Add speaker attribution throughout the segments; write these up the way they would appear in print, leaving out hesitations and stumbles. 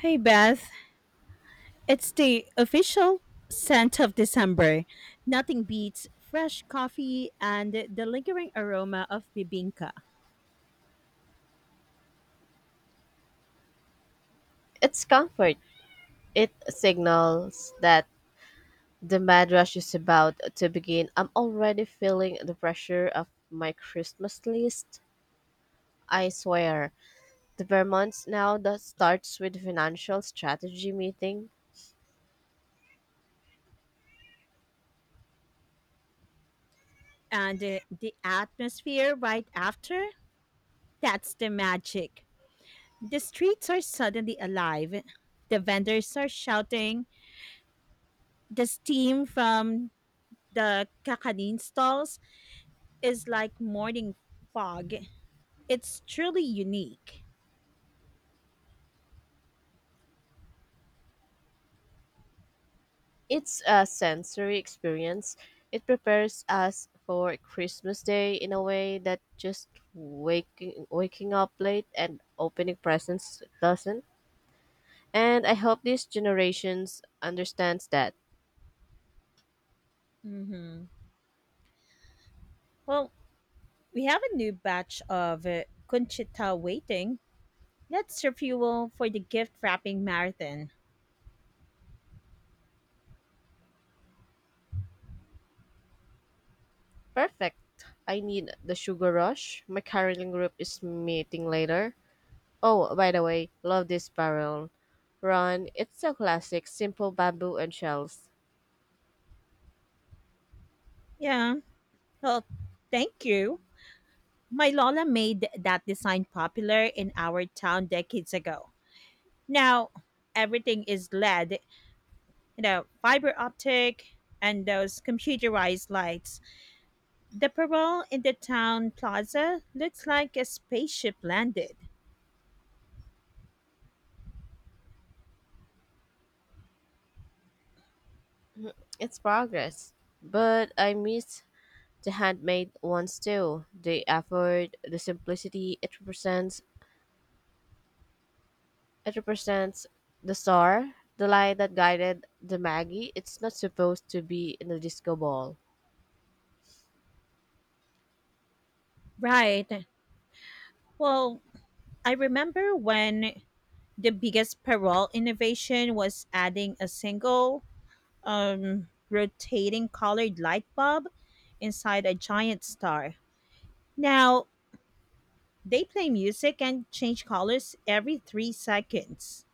Speaker 1: Hey Beth, it's the official scent of December. Nothing beats fresh coffee and the lingering aroma of bibinka.
Speaker 2: Its comfort. It signals that the mad rush is about to begin. I'm already feeling the pressure of my Christmas list. I swear. The Vermont's now that starts with financial strategy meeting.
Speaker 1: And The atmosphere right after, that's the magic. The streets are suddenly alive. The vendors are shouting. The steam from the kakanin stalls is like morning fog. It's truly unique.
Speaker 2: It's a sensory experience. It prepares us for Christmas Day in a way that just waking up late and opening presents doesn't. And I hope these generations understands that.
Speaker 1: Mhm. Well, we have a new batch of Conchita waiting. Let's refuel for the gift wrapping marathon.
Speaker 2: Perfect. I need the sugar rush. My caroling group is meeting later. Oh, by the way, love this barrel. Ron, it's so classic, simple bamboo and shells.
Speaker 1: Yeah. Well, thank you. My Lola made that design popular in our town decades ago. Now everything is LED, you know, fiber optic and those computerized lights. The parole in the town plaza looks like a spaceship landed.
Speaker 2: It's progress. But I miss the handmade ones too. The effort, the simplicity it represents. It represents the star, the light that guided the Maggie. It's not supposed to be in the disco ball.
Speaker 1: Right. Well, I remember when the biggest parole innovation was adding a single rotating colored light bulb inside a giant star. Now, they play music and change colors every 3 seconds.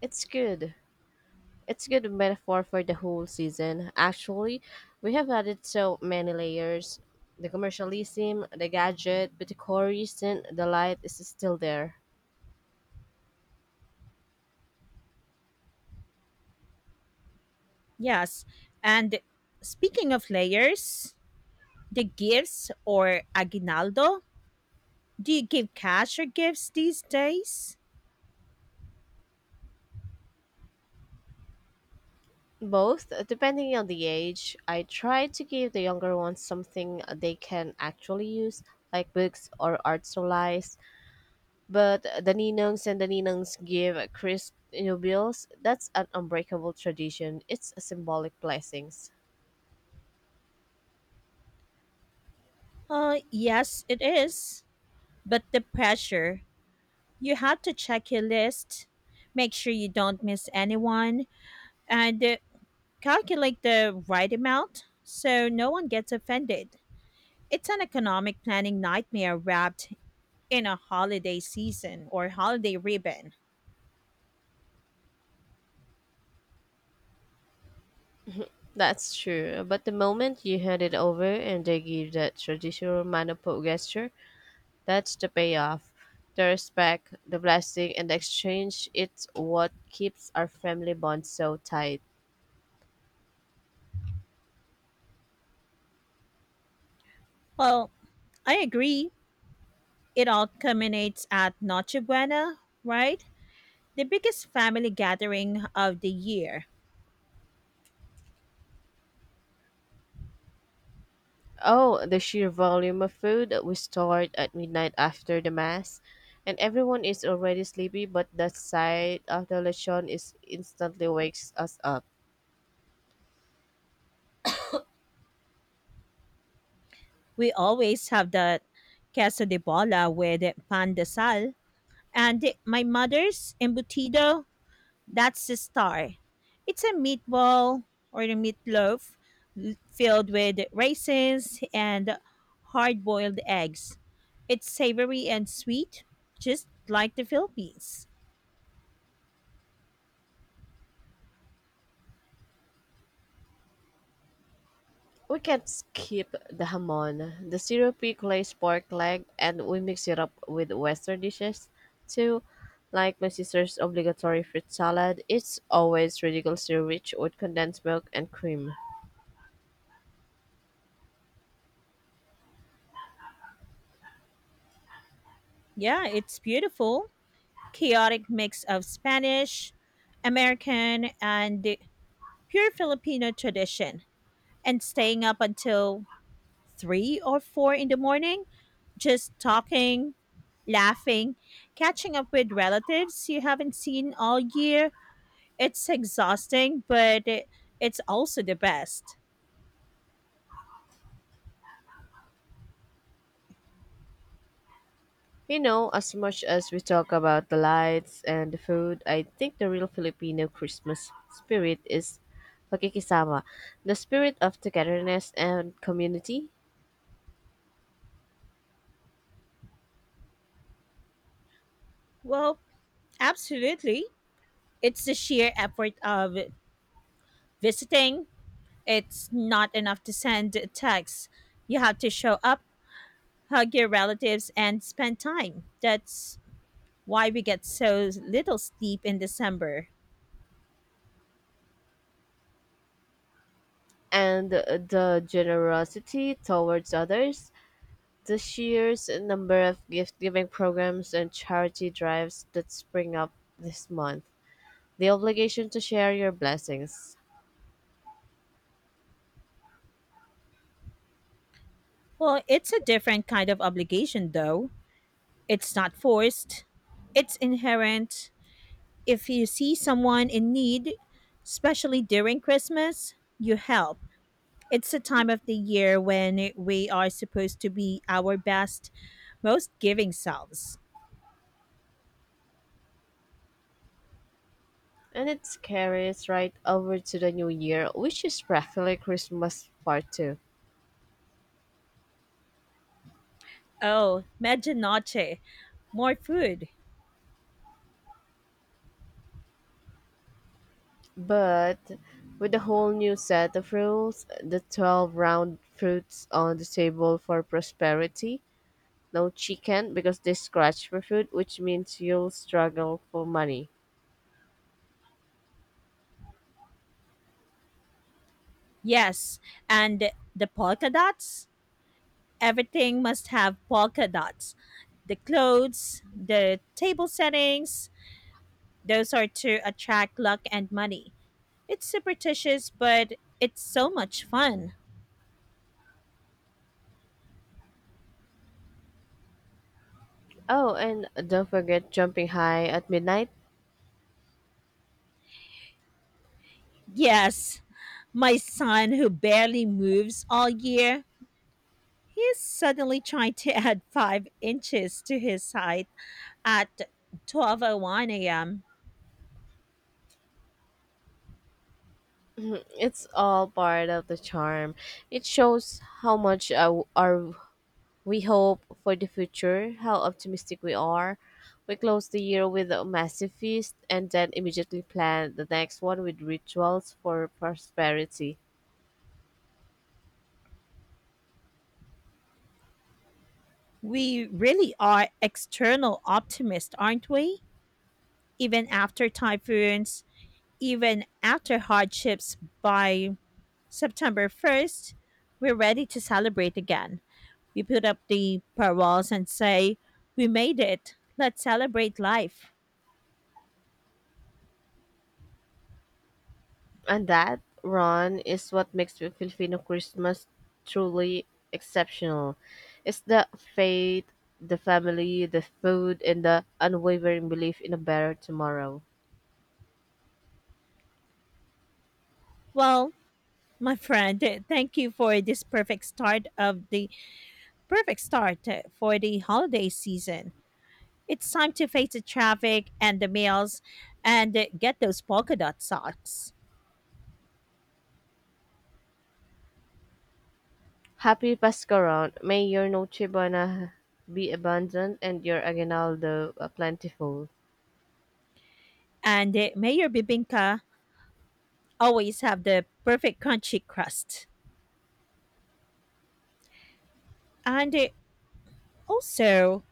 Speaker 2: It's good. It's a good metaphor for the whole season. Actually, we have added so many layers. The commercialism, the gadget, but the core reason the light is still there.
Speaker 1: Yes. And speaking of layers, the gifts or aguinaldo, do you give cash or gifts these days?
Speaker 2: Both, depending on the age, I try to give the younger ones something they can actually use, like books or art supplies. But the ninongs and the ninongs give crisp new bills. That's an unbreakable tradition. It's a symbolic blessings.
Speaker 1: Yes, it is. But the pressure, you have to check your list, make sure you don't miss anyone, and calculate the right amount so no one gets offended. It's an economic planning nightmare wrapped in a holiday season or holiday ribbon.
Speaker 2: That's true, but the moment you hand it over and they give that traditional manipo gesture, that's the payoff. The respect, the blessing, and the exchange, it's what keeps our family bond so tight.
Speaker 1: Well, I agree. It all culminates at Noche Buena, right? The biggest family gathering of the year.
Speaker 2: Oh, the sheer volume of food we start at midnight after the mass, and everyone is already sleepy, but the sight of the lechon is instantly wakes us up.
Speaker 1: We always have the queso de bola with pan de sal and my mother's embutido. That's the star. It's a meatball or a meatloaf filled with raisins and hard boiled eggs. It's savory and sweet, just like the Philippines.
Speaker 2: We can't skip the hamon, the syrupy glazed pork leg, and we mix it up with Western dishes too, like my sister's obligatory fruit salad. It's always ridiculously rich with condensed milk and cream.
Speaker 1: Yeah, it's beautiful. Chaotic mix of Spanish, American, and the pure Filipino tradition. And staying up until 3 or 4 in the morning just talking, laughing, catching up with relatives you haven't seen all year. It's exhausting, but it's also the best.
Speaker 2: You know, as much as we talk about the lights and the food, I think the real Filipino Christmas spirit is pakikisama, the spirit of togetherness and community,
Speaker 1: Well, absolutely. It's the sheer effort of visiting. It's not enough to send texts. You have to show up, hug your relatives, and spend time. That's why we get so little sleep in December.
Speaker 2: and the generosity towards others. The sheer number of gift giving programs and charity drives that spring up this month, the obligation to share your blessings.
Speaker 1: Well, it's a different kind of obligation, though. It's not forced, it's inherent. If you see someone in need, especially during Christmas, you help. It's a time of the year when we are supposed to be our best, most giving selves.
Speaker 2: And it carries right over to the new year, which is practically Christmas part two.
Speaker 1: Oh, medianoche, more food.
Speaker 2: But with a whole new set of rules, the 12 round fruits on the table for prosperity, no chicken because they scratch for food, which means you'll struggle for money.
Speaker 1: Yes, and the polka dots? Everything must have polka dots, the clothes, the table settings, those are to attract luck and money. It's superstitious, but it's so much fun.
Speaker 2: Oh, and don't forget jumping high at midnight.
Speaker 1: Yes, my son, who barely moves all year, he is suddenly trying to add 5 inches to his height at 12:01 a.m.
Speaker 2: It's all part of the charm. It shows how much our we hope for the future, how optimistic we are. We close the year with a massive feast and then immediately plan the next one with rituals for prosperity.
Speaker 1: We really are external optimists, aren't we? Even after typhoons, even after hardships, by September 1st, we're ready to celebrate again. We put up the paroles and say, we made it. Let's celebrate life.
Speaker 2: And that, Ron, is what makes the Filipino Christmas truly exceptional. It's the faith, the family, the food, and the unwavering belief in a better tomorrow.
Speaker 1: Well, my friend, thank you for this perfect start of the perfect start for the holiday season. It's time to face the traffic and the meals and get those polka dot socks.
Speaker 2: Happy Pascaround! May your Noche Buena be abundant and your aguinaldo plentiful.
Speaker 1: And Mayor Bibinka always have the perfect crunchy crust. And also,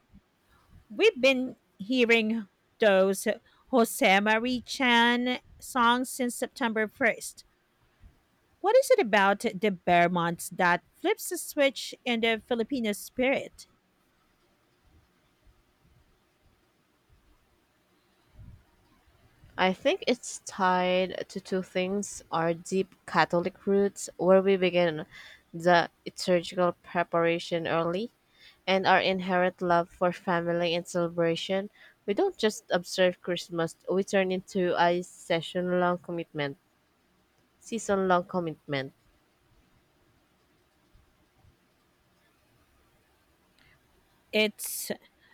Speaker 1: we've been hearing those Jose Marie Chan songs since September 1st. What is it about the Bearmonts that flips the switch in the Filipino spirit?
Speaker 2: I think it's tied to two things our deep Catholic roots, where we begin the liturgical preparation early, and our inherent love for family and celebration. We don't just observe Christmas, we turn into a season long commitment.
Speaker 1: It's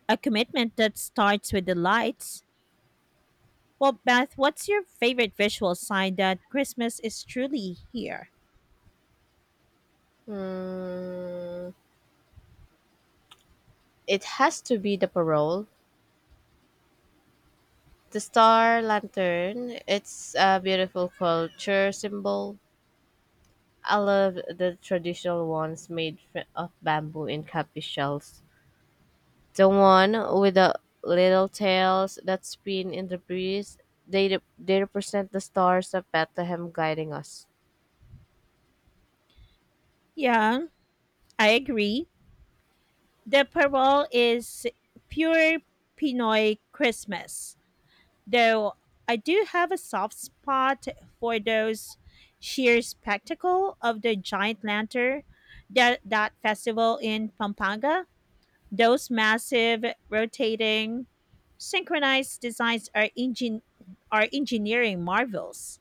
Speaker 1: a commitment that starts with the lights. Well, Beth, what's your favorite visual sign that Christmas is truly here?
Speaker 2: Hmm, it has to be the parole. The Star Lantern, it's a beautiful culture symbol. I love the traditional ones made of bamboo and copy shells. The one with the little tails that spin in the breeze, they represent the stars of Bethlehem guiding us.
Speaker 1: Yeah, I agree. The parole is pure Pinoy Christmas, though I do have a soft spot for those sheer spectacle of the giant lantern that festival in Pampanga. Those massive rotating synchronized designs are are engineering marvels.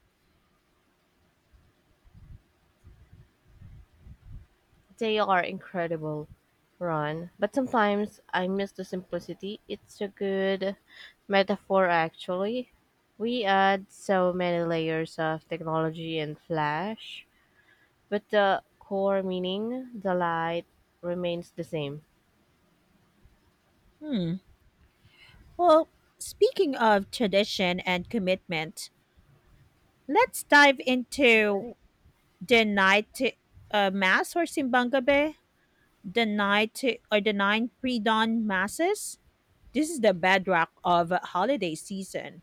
Speaker 2: They are incredible, Ron. But sometimes I miss the simplicity. It's a good metaphor, actually. We add so many layers of technology and flash, but the core meaning, the light, remains the same.
Speaker 1: Hmm. Well, speaking of tradition and commitment, let's dive into the night mass or Simbanga Bay, the night or the nine pre-dawn masses. This is the bedrock of holiday season.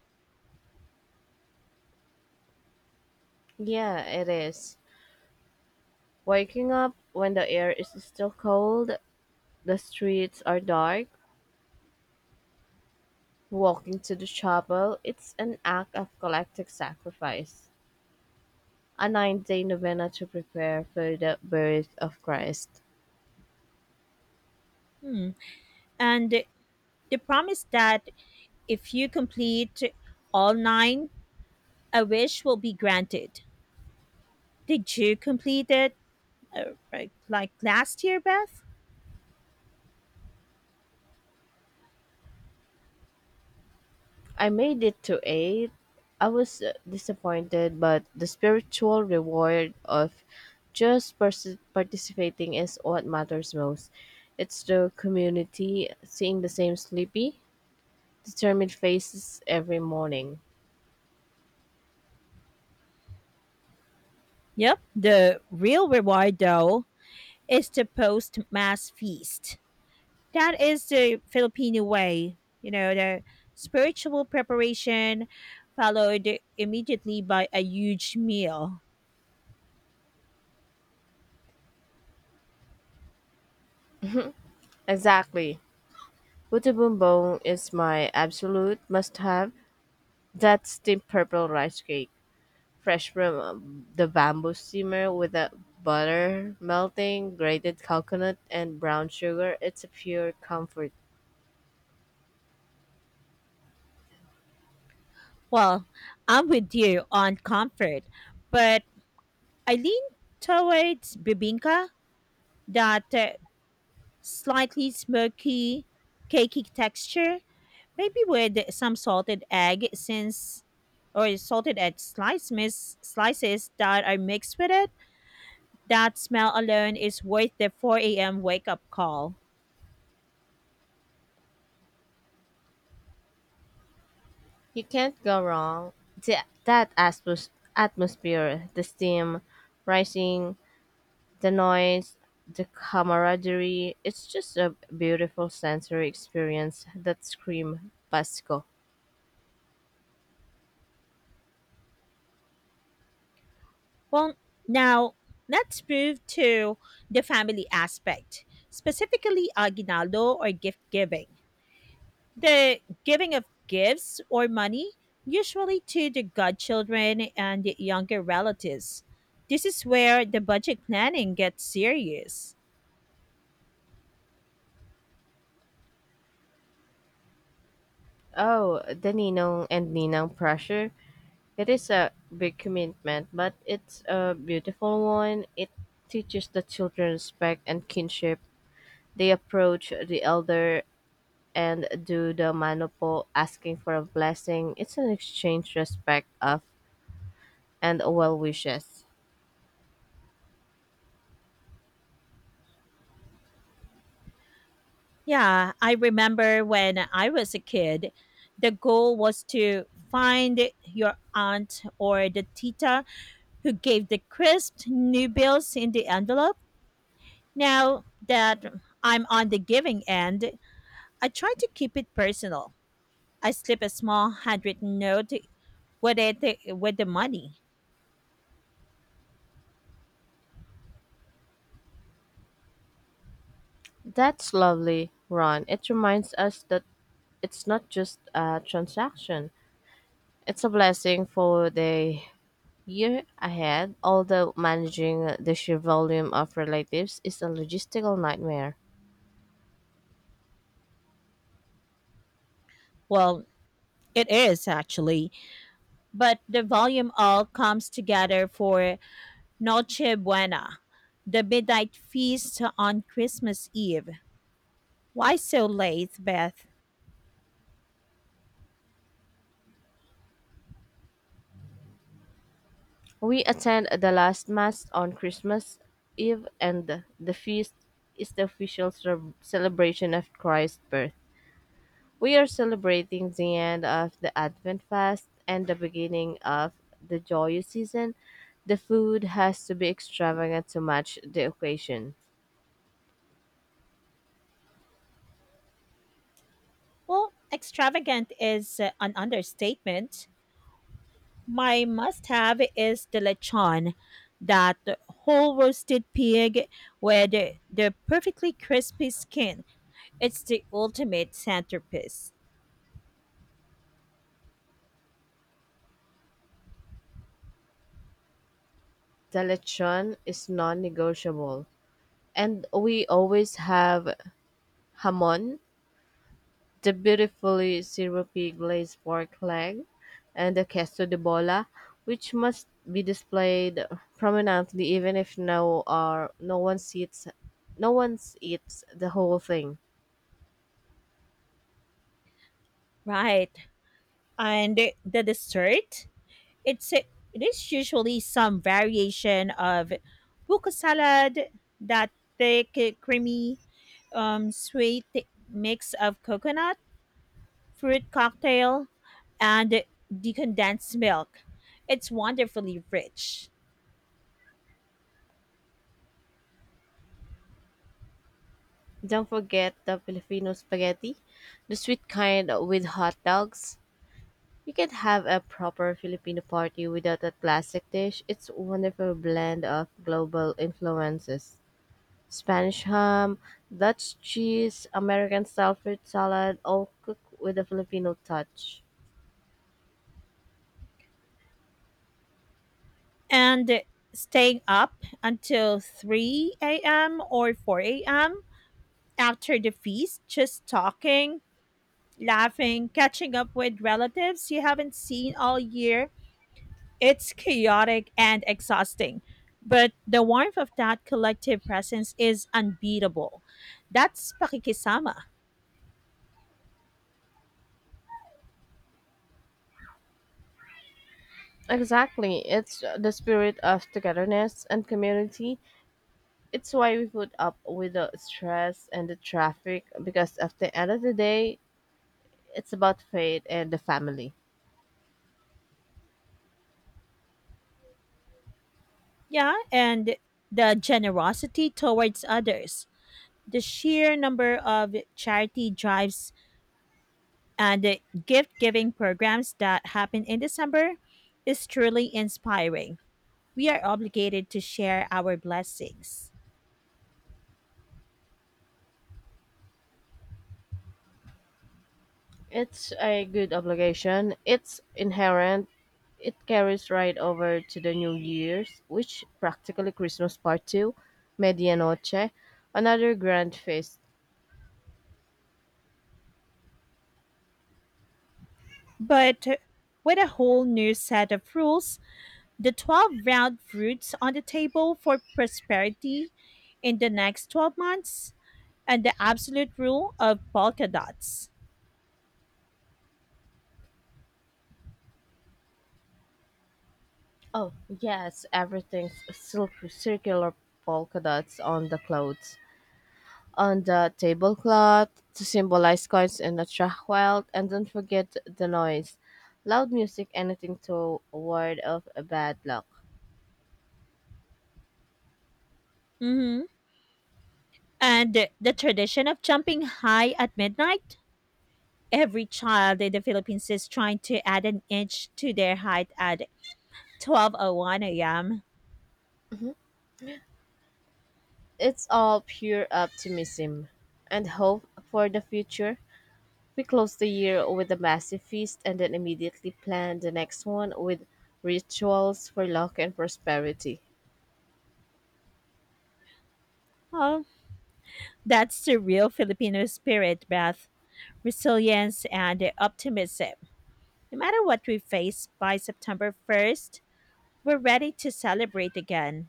Speaker 2: Yeah, it is. Waking up when the air is still cold, the streets are dark, walking to the chapel, it's an act of collective sacrifice. A nine-day novena to prepare for the birth of Christ.
Speaker 1: Hmm. And the promise that if you complete all nine, a wish will be granted. Did you complete it like last year, Beth?
Speaker 2: I made it to eight. I was disappointed, but the spiritual reward of just participating is what matters most. It's the community, seeing the same sleepy, determined faces every morning.
Speaker 1: Yep. The real reward, though, is the post mass feast. That is the Filipino way, you know, the spiritual preparation followed immediately by a huge meal.
Speaker 2: Exactly. Buto Bumbong is my absolute must have. That's the purple rice cake, fresh from the bamboo steamer with the butter melting, grated coconut, and brown sugar. It's a pure comfort.
Speaker 1: Well, I'm with you on comfort, but I lean towards bibinka, that slightly smoky, cakey texture, maybe with some salted egg since or salted egg slices that are mixed with it. That smell alone is worth the 4 a.m. wake up call.
Speaker 2: You can't go wrong. That atmosphere, the steam rising, the noise, the camaraderie, it's just a beautiful sensory experience that scream Pasco.
Speaker 1: Well, now let's move to the family aspect, specifically aguinaldo or gift giving. The giving of gifts or money, usually to the godchildren and the younger relatives. This is where the budget planning gets serious.
Speaker 2: Oh, the Ninong and Ninang pressure. It is a big commitment, but it's a beautiful one. It teaches the children respect and kinship. They approach the elder and do the manopo, asking for a blessing. It's an exchange respect of and well wishes.
Speaker 1: Yeah, I remember when I was a kid, the goal was to find your aunt or the tita who gave the crisp new bills in the envelope. Now that I'm on the giving end, I try to keep it personal. I slip a small handwritten note with it with the money.
Speaker 2: That's lovely, Ron. It reminds us that it's not just a transaction. It's a blessing for the year ahead, although managing the sheer volume of relatives is a logistical nightmare.
Speaker 1: Well, it is actually, but the volume all comes together for Noche Buena, the midnight feast on Christmas Eve. Why so late, Beth?
Speaker 2: We attend the last mass on Christmas Eve, and the feast is the official celebration of Christ's birth. We are celebrating the end of the Advent fast and the beginning of the joyous season. The food has to be extravagant to match the occasion.
Speaker 1: Well, extravagant is an understatement. My must have is the lechon, that whole roasted pig with the perfectly crispy skin. It's the ultimate centerpiece.
Speaker 2: The lechon is non-negotiable, and we always have hamon, the beautifully syrupy glazed pork leg, and the queso de bola, which must be displayed prominently even if no one eats no one eats the whole thing.
Speaker 1: Right. And the dessert? It's it is usually some variation of buko salad, that thick, creamy, sweet mix of coconut fruit cocktail and decondensed milk. It's wonderfully rich.
Speaker 2: Don't forget the Filipino spaghetti, the sweet kind with hot dogs. You can have a proper Filipino party without a classic dish. It's a wonderful blend of global influences. Spanish ham, Dutch cheese, American style fruit salad, all cooked with a Filipino touch.
Speaker 1: And staying up until 3 a.m. or 4 a.m. after the feast, just talking, laughing, catching up with relatives you haven't seen all year. It's chaotic and exhausting, but the warmth of that collective presence is unbeatable. That's pakikisama.
Speaker 2: Exactly. It's the spirit of togetherness and community. It's why we put up with the stress and the traffic because at the end of the day, it's about faith and the family.
Speaker 1: Yeah, and the generosity towards others. The sheer number of charity drives and the gift giving programs that happen in December is truly inspiring. We are obligated to share our blessings.
Speaker 2: It's a good obligation. It's inherent. It carries right over to the New Year's, which practically Christmas part two, Medianoche, another grand feast.
Speaker 1: But with a whole new set of rules, the 12 round fruits on the table for prosperity in the next 12 months, and the absolute rule of polka dots.
Speaker 2: Oh, yes, everything's silk circular polka dots on the clothes, on the tablecloth to symbolize coins and attract wealth, and don't forget the noise. Loud music, anything to ward off a bad luck.
Speaker 1: Hmm. And the tradition of jumping high at midnight. Every child in the Philippines is trying to add an inch to their height at 12:01 a.m.
Speaker 2: It's all pure optimism and hope for the future. We close the year with a massive feast and then immediately plan the next one with rituals for luck and prosperity.
Speaker 1: Oh, that's the real Filipino spirit, Beth. Resilience and optimism. No matter what we face by September 1st, we're ready to celebrate again.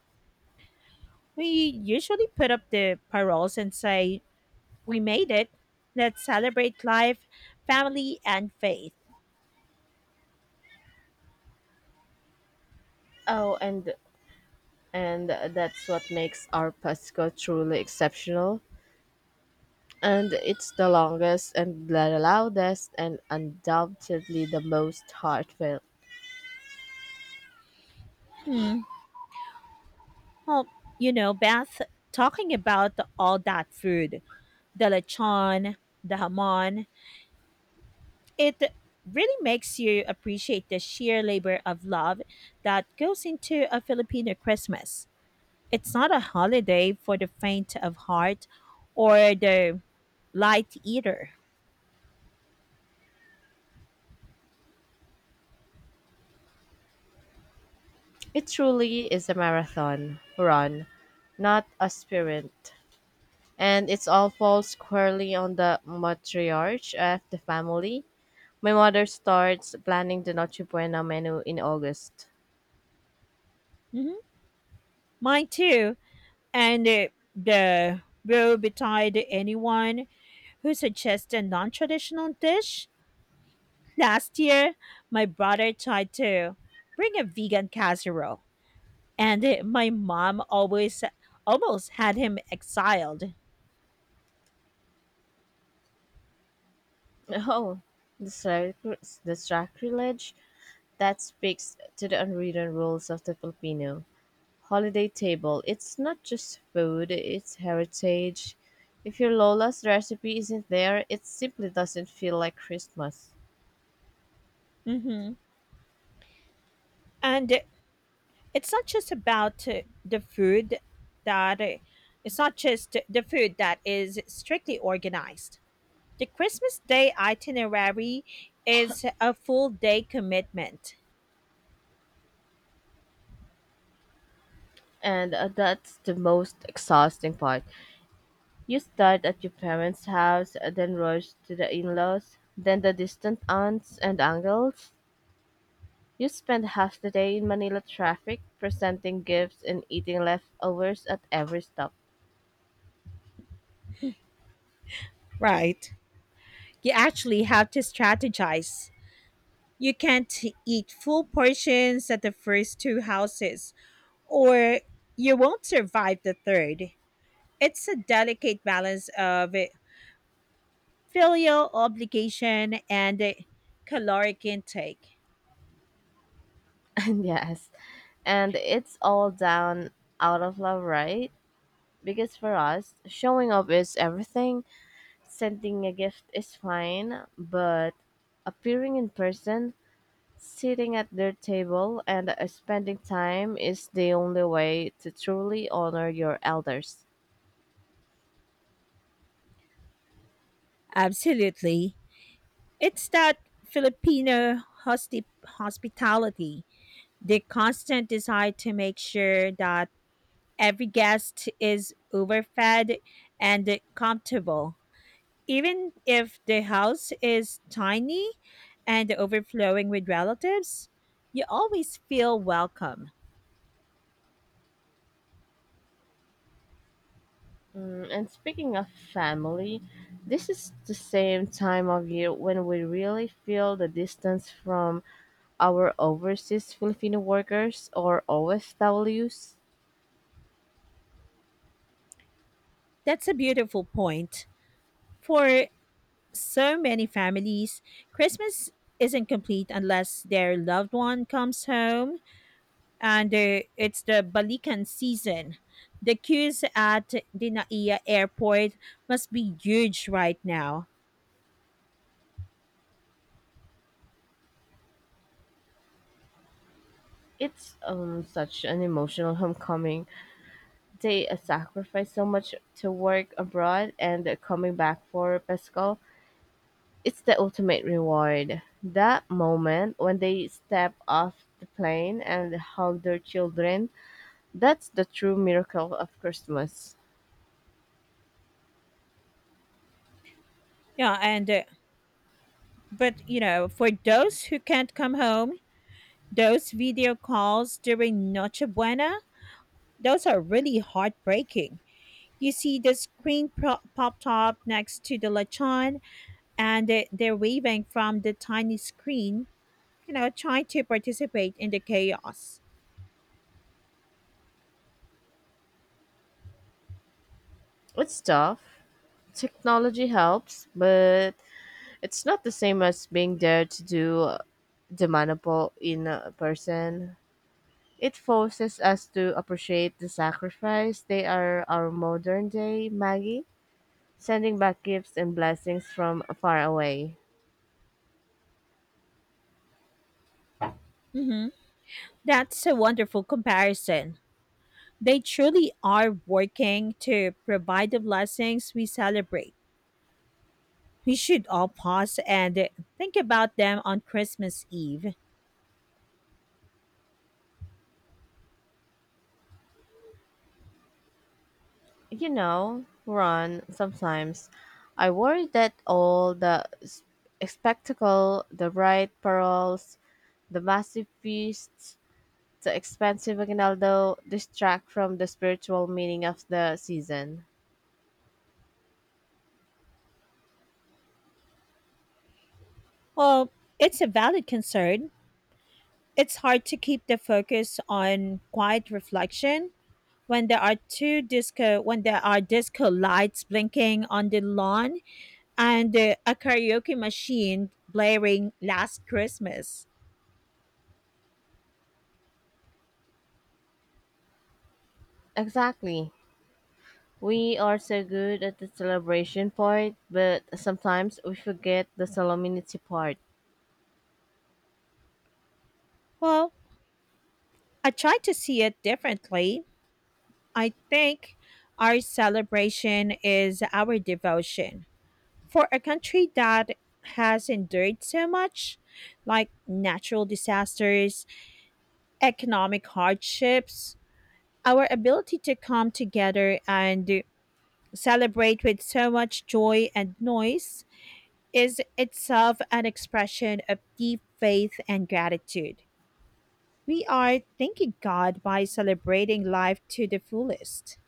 Speaker 1: We usually put up the paroles and say, we made it. Let's celebrate life, family, and faith.
Speaker 2: Oh, and and that's what makes our Pasco truly exceptional. And it's the longest and the loudest and undoubtedly the most heartfelt.
Speaker 1: Hmm. Well, you know, Beth, talking about all that food, the lechon, the hamon, it really makes you appreciate the sheer labor of love that goes into a Filipino Christmas. It's not a holiday for the faint of heart or the light eater.
Speaker 2: It truly is a marathon run, not a sprint, and it's all falls squarely on the matriarch of the family. My mother starts planning the Noche Buena menu in August.
Speaker 1: Mhm. Mine too. And the woe betide anyone who suggests a non traditional dish. Last year, my brother tried to bring a vegan casserole, and my mom always almost had him exiled.
Speaker 2: Oh, the the sacrilege that speaks to the unwritten rules of the Filipino holiday table. It's not just food; it's heritage. If your Lola's recipe isn't there, it simply doesn't feel like Christmas.
Speaker 1: Hmm. And it's not just about the food that it's not just the food that is strictly organized. The Christmas Day itinerary is a full day commitment.
Speaker 2: And That's the most exhausting part. You start at your parents' house, then rush to the in-laws, then the distant aunts and uncles. You spend half the day in Manila traffic, presenting gifts and eating leftovers at every stop.
Speaker 1: Right. You actually have to strategize. You can't eat full portions at the first two houses, or you won't survive the third. It's a delicate balance of filial obligation and caloric intake.
Speaker 2: And yes, and it's all down out of love, right? Because for us, showing up is everything. Sending a gift is fine, but appearing in person, sitting at their table and spending time is the only way to truly honor your elders.
Speaker 1: Absolutely. It's that Filipino hospitality, the constant desire to make sure that every guest is overfed and comfortable. Even if the house is tiny and overflowing with relatives, you always feel welcome.
Speaker 2: Mm, and speaking of family, this is the same time of year when we really feel the distance from our overseas Filipino workers or OFWs.
Speaker 1: That's a beautiful point. For so many families, Christmas isn't complete unless their loved one comes home, and it's the Balikan season. The queues at Dinaia Airport must be huge right now.
Speaker 2: It's such an emotional homecoming. They sacrifice so much to work abroad and coming back for Pesco, it's the ultimate reward. That moment when they step off the plane and hug their children, that's the true miracle of Christmas.
Speaker 1: Yeah, and but you know, for those who can't come home, those video calls during Noche Buena, those are really heartbreaking. You see the screen popped up next to the lechon, and they're waving from the tiny screen, you know, trying to participate in the chaos.
Speaker 2: It's tough. Technology helps, but it's not the same as being there to do the maniple in person. It forces us to appreciate the sacrifice. They are our modern day Maggie, sending back gifts and blessings from far away.
Speaker 1: Mm-hmm. That's a wonderful comparison. They truly are working to provide the blessings we celebrate. We should all pause and think about them on Christmas Eve.
Speaker 2: You know, Ron, sometimes I worry that all the spectacle, the bright pearls, the massive feasts, the expensive aguinaldo distract from the spiritual meaning of the season.
Speaker 1: Well, it's a valid concern. It's hard to keep the focus on quiet reflection when there are two disco when there are disco lights blinking on the lawn and a karaoke machine blaring last Christmas.
Speaker 2: Exactly. We are so good at the celebration part, but sometimes we forget the solemnity part.
Speaker 1: Well, I try to see it differently. I think our celebration is our devotion. For a country that has endured so much, like natural disasters, economic hardships, our ability to come together and celebrate with so much joy and noise is itself an expression of deep faith and gratitude. We are thanking God by celebrating life to the fullest.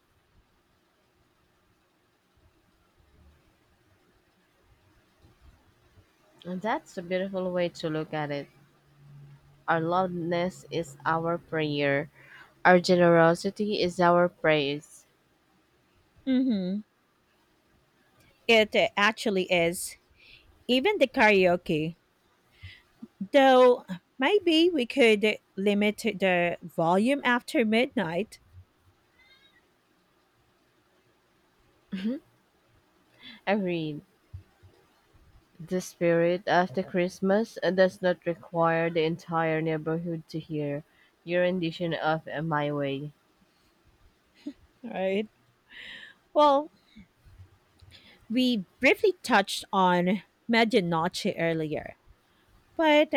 Speaker 2: And that's a beautiful way to look at it. Our loudness is our prayer. Our generosity is our praise.
Speaker 1: Mm hmm. It actually is. Even the karaoke. Though maybe we could limit the volume after midnight,
Speaker 2: I read, the spirit of the Christmas does not require the entire neighborhood to hear your rendition of My Way.
Speaker 1: right? Well, we briefly touched on medianoche earlier, but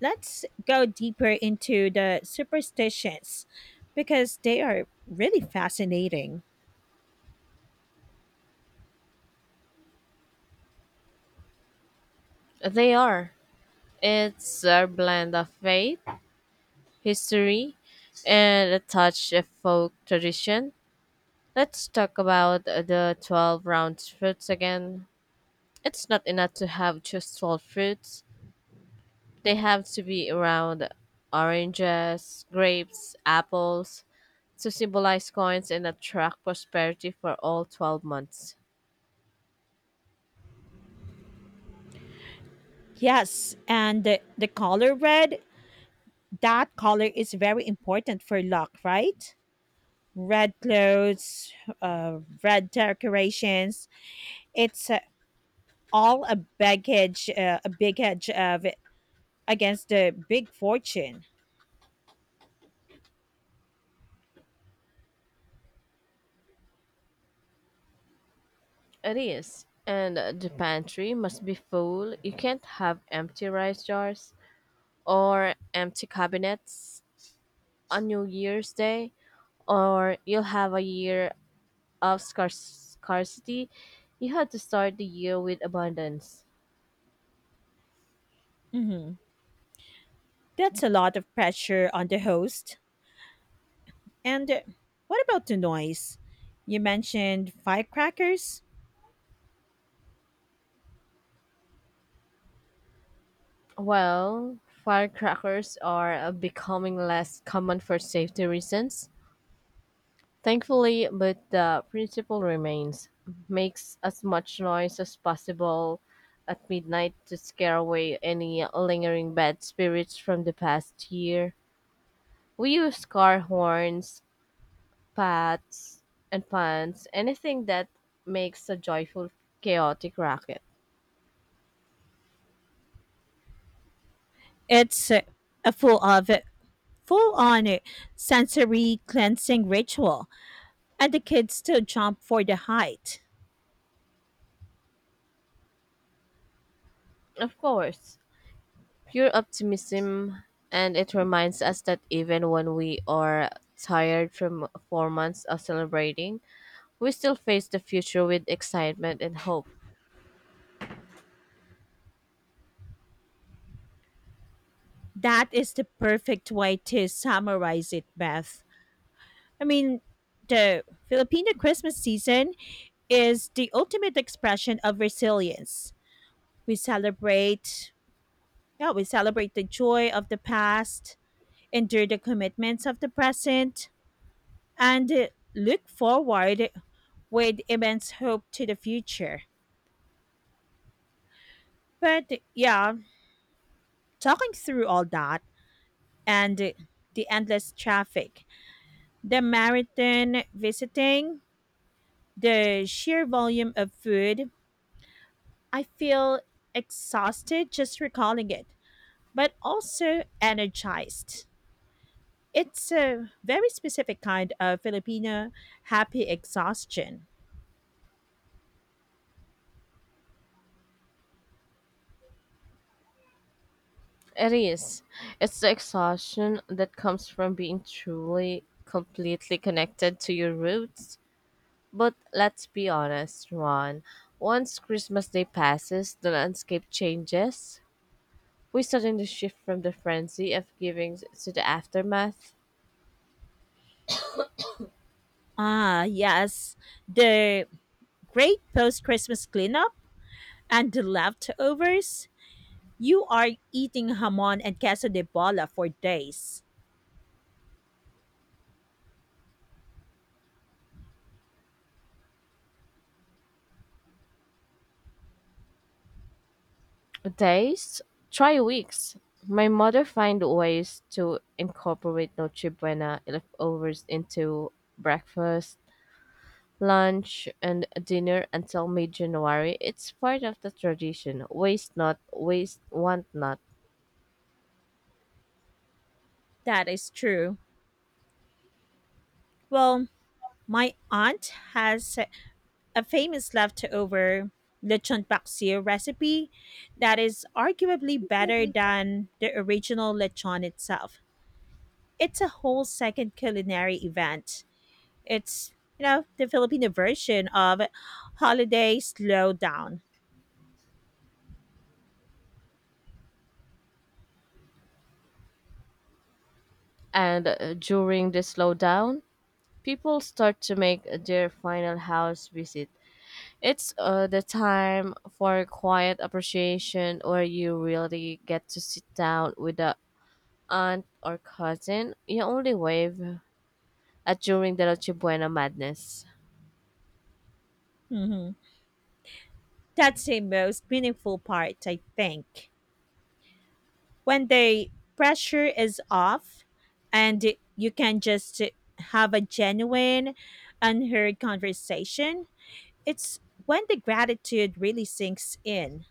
Speaker 1: let's go deeper into the superstitions because they are really fascinating.
Speaker 2: They are. It's a blend of faith, history, and a touch of folk tradition. Let's talk about the 12 round fruits again. It's not enough to have just 12 fruits. They have to be around oranges, grapes, apples to symbolize coins and attract prosperity for all 12 months.
Speaker 1: Yes, and the color red, that color is very important for luck, right? Red clothes, red decorations. It's all a baggage, a big hedge of against the big fortune.
Speaker 2: It is. And the pantry must be full. You can't have empty rice jars or empty cabinets on New Year's Day, or you'll have a year of scarcity. You have to start the year with abundance.
Speaker 1: Hmm. That's a lot of pressure on the host. And What about the noise? You mentioned firecrackers.
Speaker 2: Well, firecrackers are becoming less common for safety reasons, thankfully, but the principle remains. Makes as much noise as possible at midnight to scare away any lingering bad spirits from the past year. We use car horns, pats, and puns, anything that makes a joyful, chaotic racket.
Speaker 1: It's A full on sensory cleansing ritual, and the kids still jump for the height.
Speaker 2: Of course, pure optimism, and it reminds us that even when we are tired from 4 months of celebrating, we still face the future with excitement and hope.
Speaker 1: That is the perfect way to summarize it, Beth. I mean, the Filipino Christmas season is the ultimate expression of resilience. We celebrate, yeah, we celebrate the joy of the past, endure the commitments of the present, and look forward with immense hope to the future. But yeah, talking through all that and the endless traffic, the marathon visiting, the sheer volume of food, I feel exhausted just recalling it, but also energized. It's a very specific kind of Filipino happy exhaustion.
Speaker 2: It is. It's the exhaustion that comes from being truly, completely connected to your roots. But let's be honest, Ron. Once Christmas Day passes, the landscape changes. We suddenly shift from the frenzy of giving to the aftermath.
Speaker 1: Ah, yes, the great post Christmas cleanup and the leftovers. You are eating hamon and queso de bola for days.
Speaker 2: Days? Try weeks. My mother find ways to incorporate Noche Buena leftovers into breakfast, lunch, and dinner until mid-January. It's part of the tradition. Waste not, waste want not.
Speaker 1: That is true. Well, my aunt has a famous leftover lechon paksiw recipe that is arguably better than the original lechon itself. It's a whole second culinary event. It's, you know, the Filipino version of Holiday Slowdown.
Speaker 2: And During the slowdown, people start to make their final house visit. It's the time for quiet appreciation where you really get to sit down with the aunt or cousin, you only wave at during the Noche Buena madness.
Speaker 1: Hmm. That's the most meaningful part, I think. When the pressure is off and you can just have a genuine, unheard conversation, it's when the gratitude really sinks in.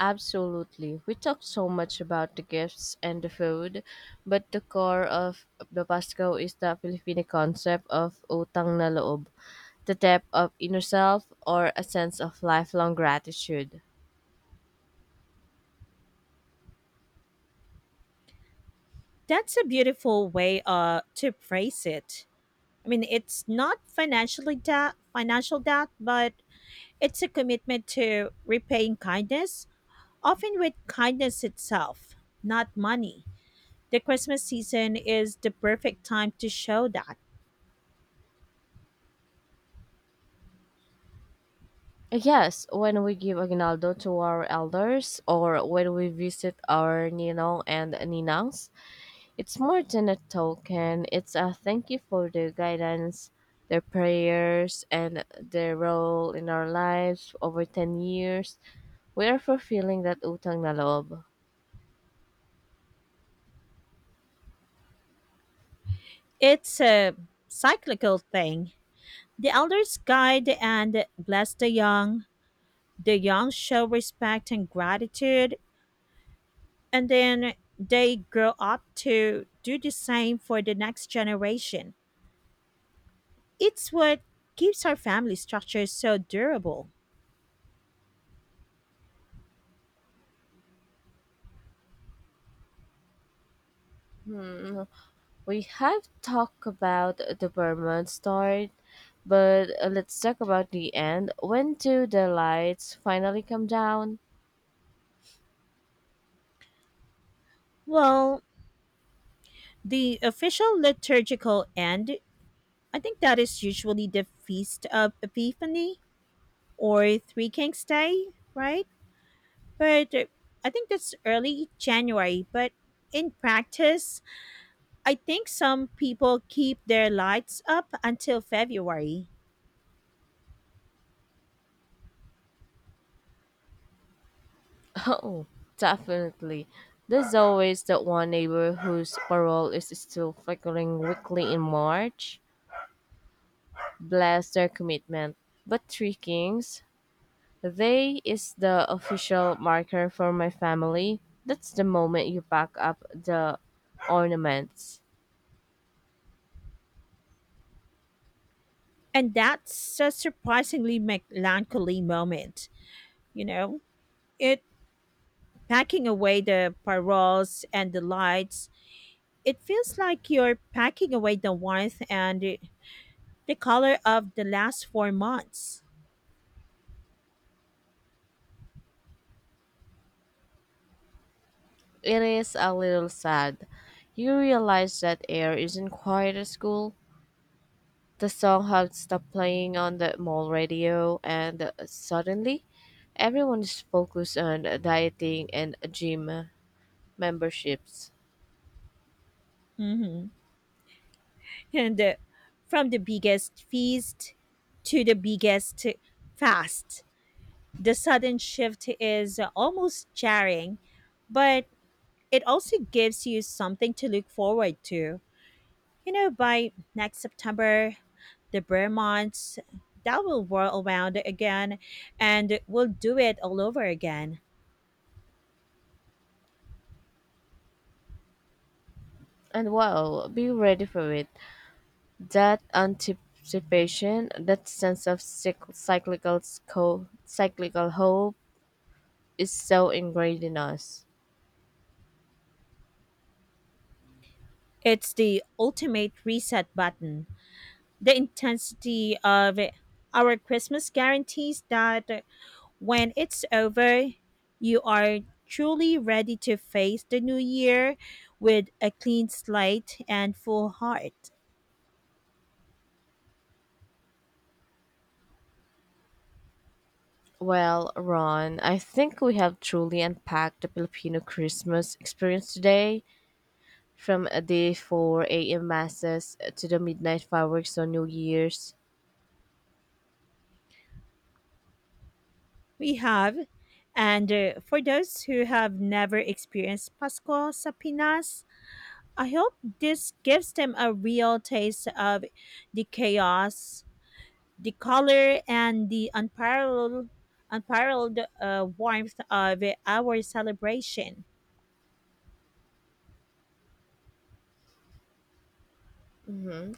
Speaker 2: Absolutely. We talk so much about the gifts and the food, but the core of the Pasco is the Filipino concept of utang na loob, the depth of inner self or a sense of lifelong gratitude.
Speaker 1: That's a beautiful way to phrase it. I mean, it's not financially debt, financial debt, but it's a commitment to repaying kindness, often with kindness itself, not money. The Christmas season is the perfect time to show that.
Speaker 2: Yes, when we give aguinaldo to our elders or when we visit our ninong and ninangs, it's more than a token, it's a thank you for their guidance, their prayers, and their role in our lives over 10 years. We are fulfilling that utang na loob.
Speaker 1: It's a cyclical thing. The elders guide and bless the young. The young show respect and gratitude, and then they grow up to do the same for the next generation. It's what keeps our family structure so durable.
Speaker 2: Hmm. We have talked about the Burman start, but let's talk about the end. When do the lights finally come down?
Speaker 1: Well, the official liturgical end, I think that is usually the Feast of Epiphany or Three Kings Day, right? But I think that's early January. But in practice, I think some people keep their lights up until February.
Speaker 2: Oh, definitely. There's always that one neighbor whose parole is still flickering weekly in March. Bless their commitment. But Three Kings, they is the official marker for my family. That's the moment you pack up the ornaments.
Speaker 1: And that's a surprisingly melancholy moment, you know? It packing away the paroles and the lights, it feels like you're packing away the warmth and the color of the last 4 months.
Speaker 2: It is a little sad. You realize that air isn't quiet at school. The song had stopped playing on the mall radio, and suddenly, everyone is focused on dieting and gym memberships.
Speaker 1: Hmm. And From the biggest feast to the biggest fast, the sudden shift is almost jarring, but it also gives you something to look forward to. You know, by next September, the bear months, that will whirl around again and we'll do it all over again.
Speaker 2: And wow, be ready for it. That anticipation, that sense of cyclical hope, is so ingrained in us.
Speaker 1: It's the ultimate reset button. The intensity of our Christmas guarantees that when it's over, you are truly ready to face the new year with a clean slate and full heart.
Speaker 2: Well, Ron, I think we have truly unpacked the Filipino Christmas experience today, from the 4 a.m. masses to the midnight fireworks on New Year's.
Speaker 1: We have. And For those who have never experienced Pasko sa Pinas, I hope this gives them a real taste of the chaos, the color, and the unparalleled, unparalleled warmth of our celebration.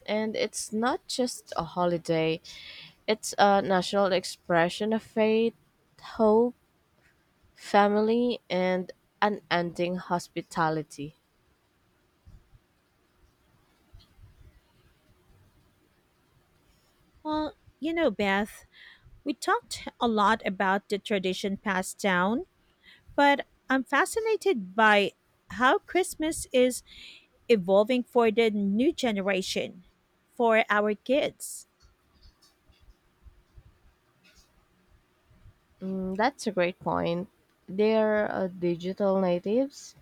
Speaker 2: And it's not just a holiday, it's a national expression of faith, hope, family, and unending hospitality.
Speaker 1: Well, you know, Beth, we talked a lot about the tradition passed down, but I'm fascinated by how Christmas is evolving for the new generation, for our kids.
Speaker 2: Mm, that's a great point. They're digital natives.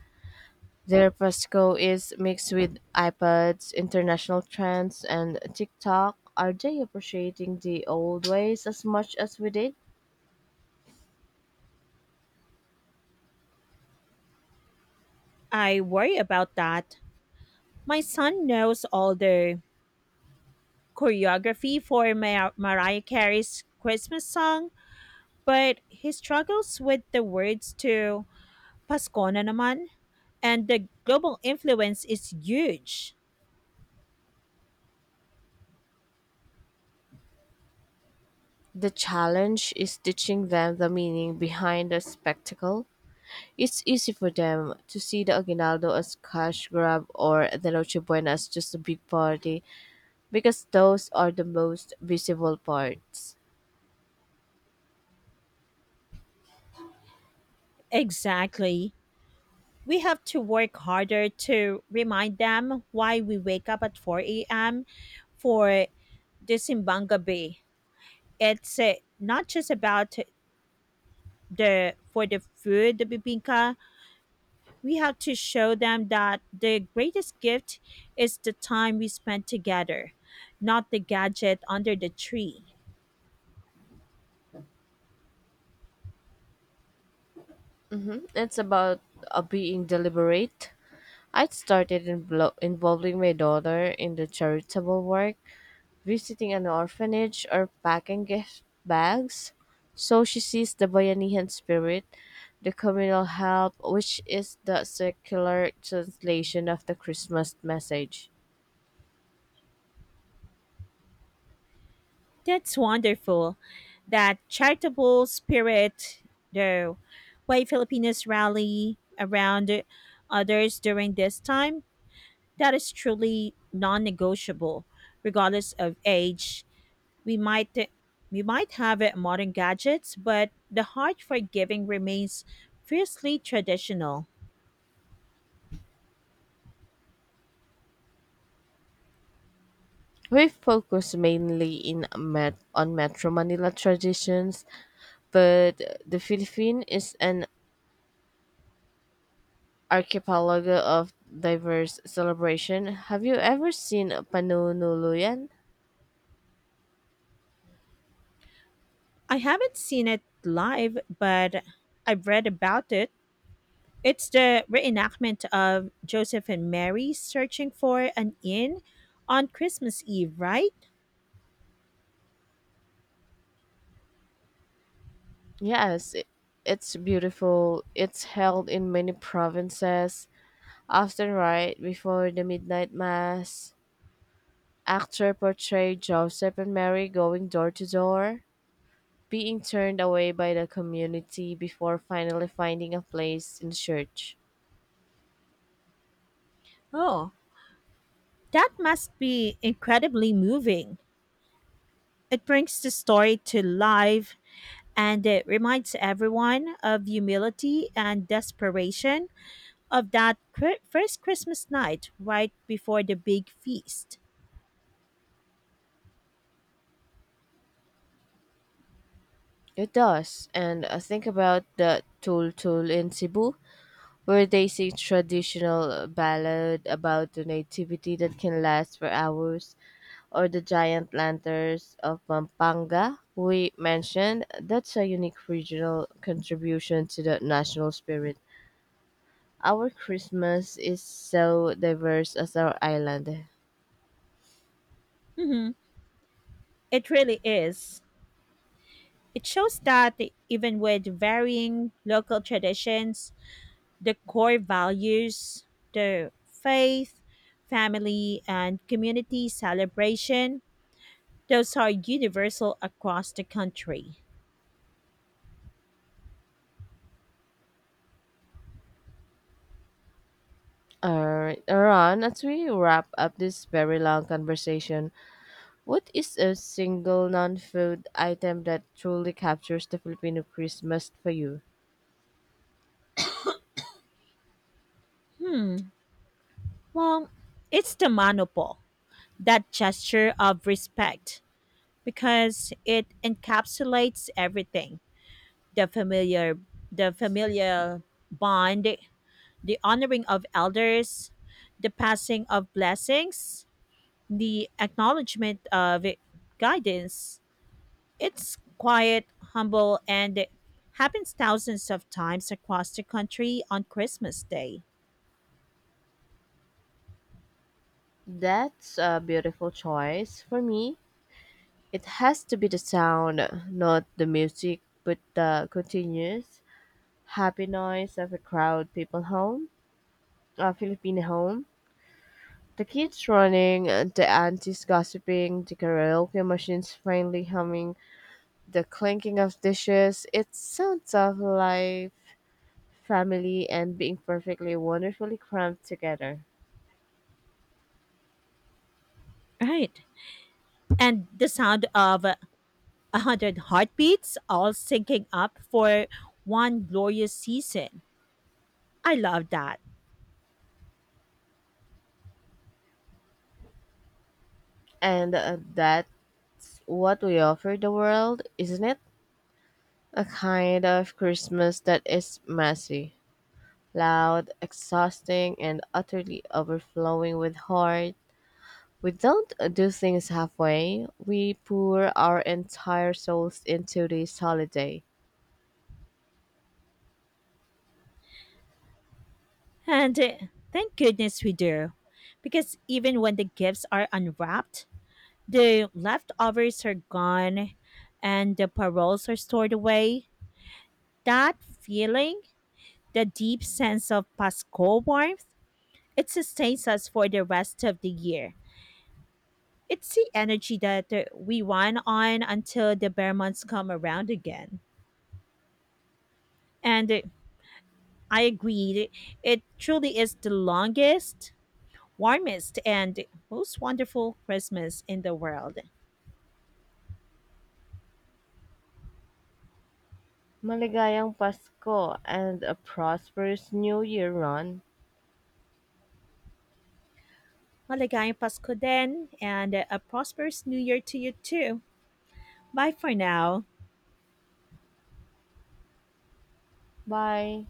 Speaker 2: Their Pasco is mixed with iPads, international trends, and TikTok. Are they appreciating the old ways as much as we did?
Speaker 1: I worry about that. My son knows all the choreography for Mariah Carey's Christmas song, but he struggles with the words to Pasko na naman, and the global influence is huge.
Speaker 2: The challenge is teaching them the meaning behind the spectacle. It's easy for them to see the Aguinaldo as cash grab or the Noche Buena as just a big party because those are the most visible parts.
Speaker 1: Exactly. We have to work harder to remind them why we wake up at 4 a.m. for Disimbanga Bay. It's Not just about the food, the bibinka. We have to show them that the greatest gift is the time we spend together, not the gadget under the tree.
Speaker 2: It's about being deliberate. I started involving my daughter in the charitable work, visiting an orphanage, or packing gift bags. So she sees the Bayanihan spirit, the communal help, which is the secular translation of the Christmas message.
Speaker 1: That's wonderful. That charitable spirit, though, why Filipinos rally around others during this time, that is truly non negotiable, regardless of age. We might we might have modern gadgets, but the heart for giving remains fiercely traditional.
Speaker 2: We focus on Metro Manila traditions, but the Philippine is an archipelago of diverse celebration. Have you ever seen Panunuluyan?
Speaker 1: I haven't seen it live, but I've read about it. It's the reenactment of Joseph and Mary searching for an inn on Christmas Eve, right?
Speaker 2: Yes, it's beautiful. It's held in many provinces, often right before the midnight mass. Actor portrayed Joseph and Mary going door to door, being turned away by the community before finally finding a place in church.
Speaker 1: Oh, that must be incredibly moving. It brings the story to life and it reminds everyone of humility and desperation of first Christmas night right before the big feast.
Speaker 2: It does, and think about the Tul Tul in Cebu where they sing traditional ballad about the nativity that can last for hours, or the giant lanterns of Pampanga we mentioned. That's a unique regional contribution to the national spirit. Our Christmas is so diverse as our island.
Speaker 1: Hmm. It really is. It shows that even with varying local traditions, the core values, the faith, family, and community celebration, those are universal across the country.
Speaker 2: Alright, Ron, as we wrap up this very long conversation, what is a single non food item that truly captures the Filipino Christmas for you?
Speaker 1: Hmm, well, it's the manopole, that gesture of respect, because it encapsulates everything the familiar, the familiar bond, the honoring of elders, the passing of blessings, the acknowledgement of guidance. It's quiet, humble, and it happens thousands of times across the country on Christmas Day.
Speaker 2: That's a beautiful choice. For me, it has to be the sound, not the music, but the continuous happy noise of a crowd, people home, a Filipino home. The kids running, and the aunties gossiping, the karaoke machines faintly humming, the clinking of dishes. It sounds of life, family, and being perfectly wonderfully crammed together.
Speaker 1: Right. And the sound of 100 heartbeats all syncing up for one glorious season. I love that.
Speaker 2: And That's what we offer the world, isn't it? A kind of Christmas that is messy, loud, exhausting, and utterly overflowing with heart. We don't do things halfway, we pour our entire souls into this holiday.
Speaker 1: And Thank goodness we do. Because even when the gifts are unwrapped, the leftovers are gone and the paroles are stored away, that feeling, the deep sense of Pascal warmth, it sustains us for the rest of the year. It's the energy that we run on until the bear months come around again. And I agreed, it truly is the longest, warmest, and most wonderful Christmas in the world.
Speaker 2: Maligayang Pasko and a prosperous New Year, Ron.
Speaker 1: Maligayang Pasko din, and a prosperous New Year to you too. Bye for now.
Speaker 2: Bye.